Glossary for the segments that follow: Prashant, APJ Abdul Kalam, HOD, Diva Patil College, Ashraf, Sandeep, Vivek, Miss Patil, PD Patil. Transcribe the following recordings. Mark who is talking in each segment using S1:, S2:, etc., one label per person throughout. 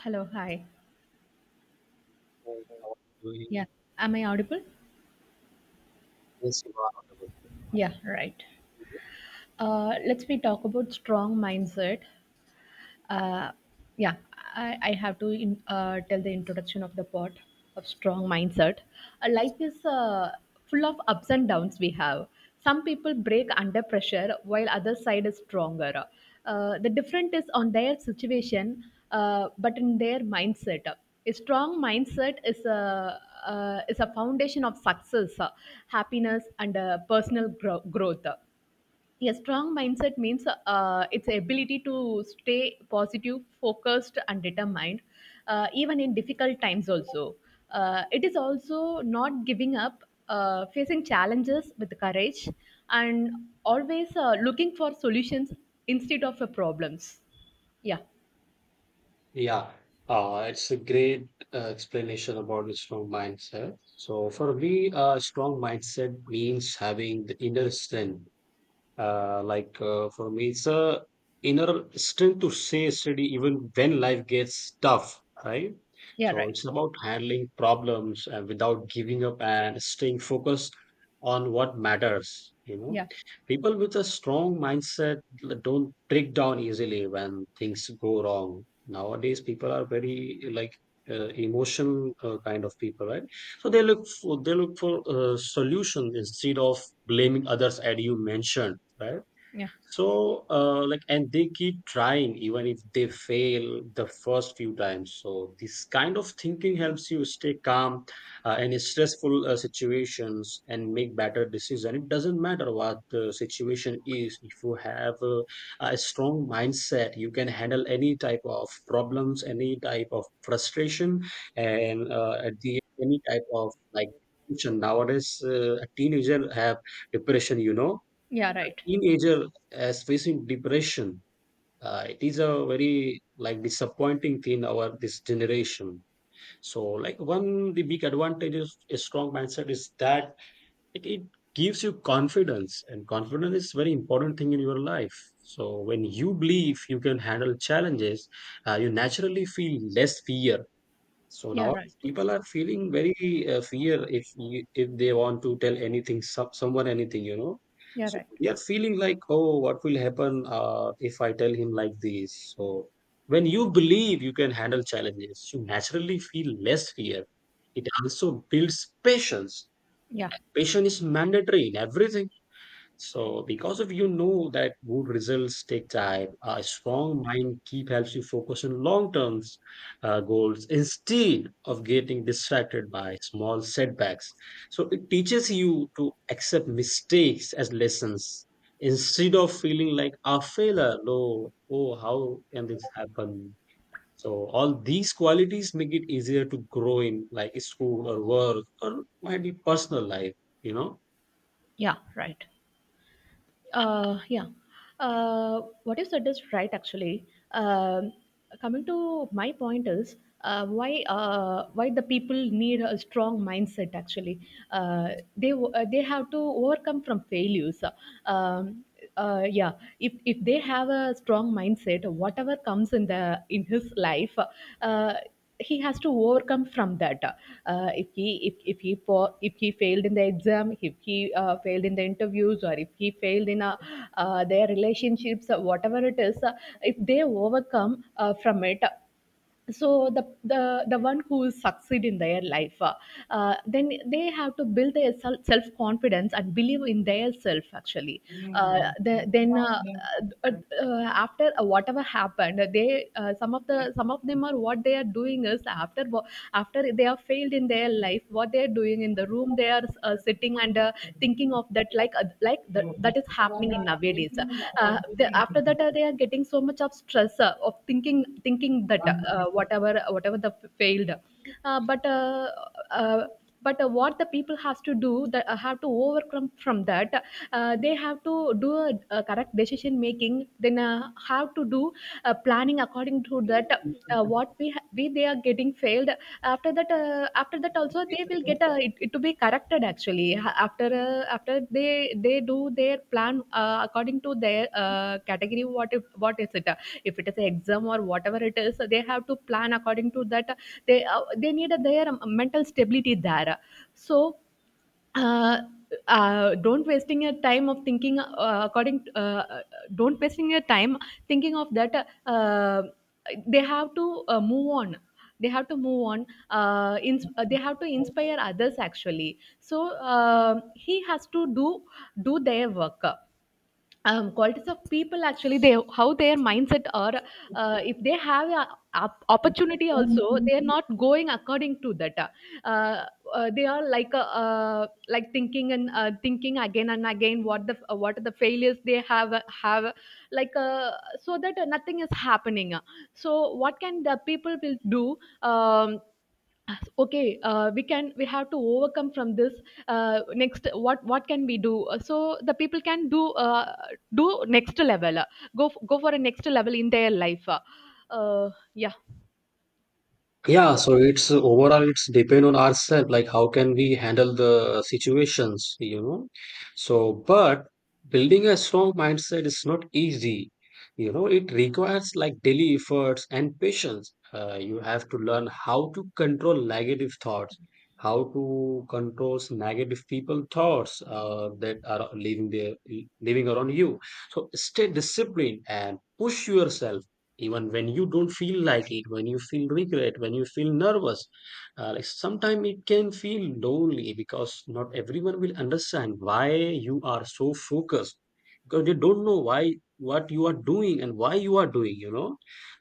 S1: Hello, hi.
S2: Hey, how are you doing?
S1: Yeah, am I audible?
S2: Yes, you are audible.
S1: Yeah, right. Let's we talk about strong mindset. Uh, I have to tell the introduction of the part of strong mindset. Life is full of ups and downs we have. Some people break under pressure while other side is stronger. The difference is on their situation, but in their mindset. A strong mindset is a foundation of success, happiness, and personal growth. A strong mindset means its ability to stay positive, focused, and determined, even in difficult times also. Uh, it is also not giving up, facing challenges with courage, and always looking for solutions instead of problems. Yeah.
S2: Yeah, it's a great explanation about the strong mindset. So, for me, a strong mindset means having the inner strength. For me, it's a inner strength to stay steady even when life gets tough, right?
S1: Yeah,
S2: So
S1: right.
S2: it's about handling problems without giving up and staying focused on what matters. You know,
S1: Yeah.
S2: people with a strong mindset don't break down easily when things go wrong. Nowadays, people are very like emotional kind of people, right? So they look for a solution instead of blaming others, as you mentioned, right.
S1: Yeah.
S2: So like, and they keep trying even if they fail the first few times. So this kind of thinking helps you stay calm in stressful situations and make better decision. It doesn't matter what the situation is. If you have a strong mindset, you can handle any type of problems, any type of frustration, and at the end, any type of like depression. Nowadays a teenager have depression, you know.
S1: Yeah, right.
S2: Teenager as facing depression. It is a very like disappointing thing our this generation. So like, one, the big advantage is a strong mindset is that it gives you confidence, and confidence is very important thing in your life. So when you believe you can handle challenges, you naturally feel less fear. So
S1: Yeah, right.
S2: nowadays people are feeling very fear. If they want to tell anything someone anything, you know.
S1: Yeah,
S2: So
S1: right.
S2: they are feeling like, oh, what will happen if I tell him like this. So when you believe you can handle challenges, you naturally feel less fear. It also builds patience.
S1: Yeah.
S2: Patience is mandatory in everything. So, because of you know that good results take time, a strong mind keep helps you focus on long-term goals instead of getting distracted by small setbacks. So, it teaches you to accept mistakes as lessons instead of feeling like a failure. No, oh, how can this happen? So, all these qualities make it easier to grow in like school or work or might be personal life, you know.
S1: Yeah right Uh, yeah. What you said is right, actually. Um Coming to my point is, why the people need a strong mindset. Actually, uh, they have to overcome from failures. Um, yeah, if they have a strong mindset, whatever comes in the in his life, he has to overcome from that. If if he failed in the exam, if he failed in the interviews, or if he failed in their relationships, whatever it is, if they overcome from it. So the one who succeed in their life, then they have to build their self confidence and believe in their self, actually. The, then uh, after Whatever happened, they some of the some of them, are what they are doing is after they are failed in their life, what they are doing in the room, they are sitting and thinking of that, like that, that is happening in nowadays. After that, they are getting so much of stress of thinking that whatever the failed, uh, but what the people has to do, that have to overcome from that. They have to do a correct decision making, then have to do planning according to that, we they are getting failed. After that, after that also, they will get it, it to be corrected, actually. After they do their plan according to their category, what is it, if it is an exam or whatever it is, they have to plan according to that. They they need a, their mental stability there. So, uh, don't wasting your time of thinking uh, don't wasting your time thinking of that. They have to move on. They have to move on. They have to inspire others, actually. So he has to do do their work. Qualities of people, actually, they how their mindset are. If they have opportunity also, they are not going according to that. They are like thinking and thinking again and again, what the what are the failures they have like so that nothing is happening. So what can the people will do? um, okay, we have to overcome from this. Next, what can we do? So the people can do do next level. Go go for a next level in their life. Uh, yeah.
S2: Yeah, so it's overall it's depend on ourselves, like how can we handle the situations, you know. So, but building a strong mindset is not easy. You know, it requires like daily efforts and patience. You have to learn how to control negative thoughts, how to control negative people thoughts that are living there, living around you. So stay disciplined and push yourself even when you don't feel like it, when you feel regret, when you feel nervous. Like sometimes it can feel lonely because not everyone will understand why you are so focused, because they don't know why, what you are doing and why you are doing, you know.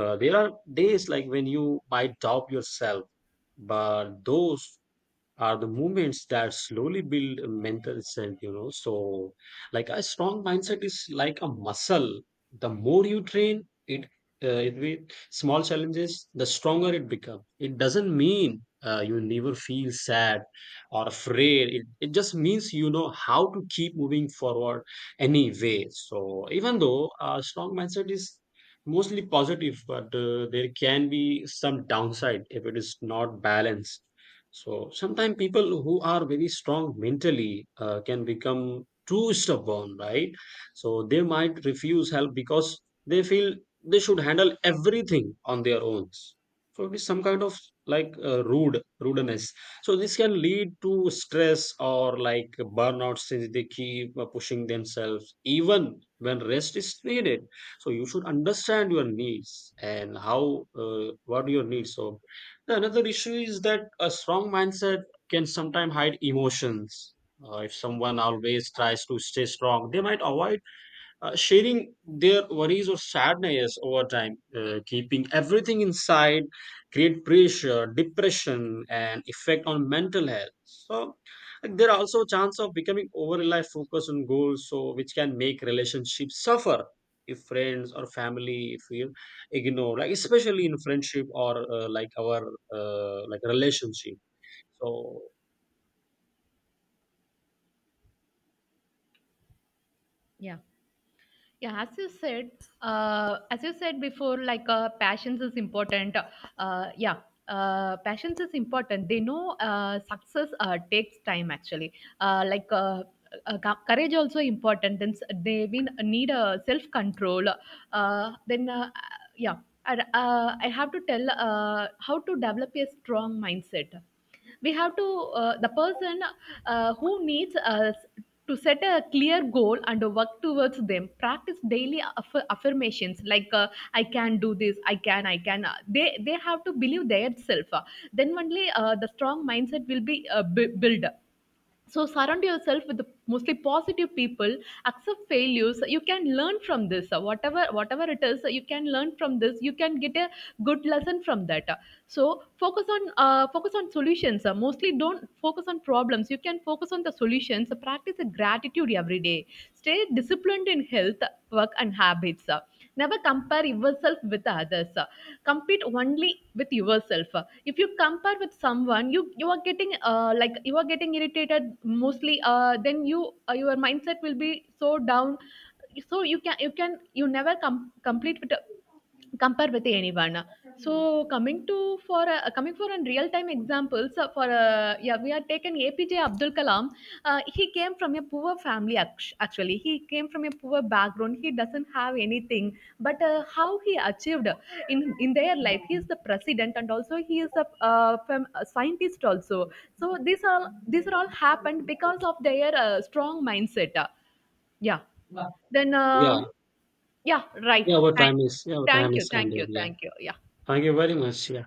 S2: There are days like when you might doubt yourself, but those are the movements that slowly build a mental strength, you know. So, like a strong mindset is like a muscle. The more you train it, it with small challenges, the stronger it becomes. It doesn't mean you never feel sad or afraid. It just means you know how to keep moving forward anyway. So, even though a strong mindset is mostly positive, but there can be some downside if it is not balanced. So sometimes people who are very strong mentally can become too stubborn, right? So they might refuse help because they feel they should handle everything on their own. So it is some kind of like rudeness. So this can lead to stress or like burnout, since they keep pushing themselves even when rest is needed. So you should understand your needs and how what your needs. So yeah, another issue is that a strong mindset can sometimes hide emotions. If someone always tries to stay strong, they might avoid sharing their worries or sadness over time. Keeping everything inside, create pressure, depression, and effect on mental health. So like, there are also chance of becoming over reliant focus on goals, so which can make relationships suffer if friends or family feel ignored, like especially in friendship or like our like relationship. So
S1: Yeah, yeah, as you said, as you said before, like passions is important. uh, yeah Passions is important, they know success takes time, actually. uh, like uh, Courage also important. Then they been need a self control. Then Yeah. I have to tell how to develop a strong mindset. We have to the person who needs us to set a clear goal and work towards them. Practice daily affirmations like I can do this, I can, I can. They have to believe their self. Then only the strong mindset will be built. So surround yourself with mostly positive people. Accept failures. You can learn from this. Whatever whatever it is, you can learn from this. You can get a good lesson from that. So focus on focus on solutions. Mostly don't focus on problems. You can focus on the solutions. Practice gratitude every day. Stay disciplined in health, work, and habits. Never compare yourself with others. Compete only with yourself. If you compare with someone, you are getting you are getting irritated mostly. Then you your mindset will be so down. So you can, you can, you never complete with compare with anyone. So coming to coming for an real time examples, for yeah, we are taken APJ Abdul Kalam. Uh, he came from a poor family, actually he came from a poor background, he doesn't have anything. But how he achieved in their life? He is the president and also he is a, a scientist also. So these all, these are all happened because of their strong mindset. Yeah then
S2: yeah,
S1: uh, yeah, right.
S2: yeah, our time
S1: Thank you,
S2: is
S1: thank
S2: ended.
S1: you,
S2: Yeah,
S1: thank you. Yeah.
S2: thank you very much. Yeah.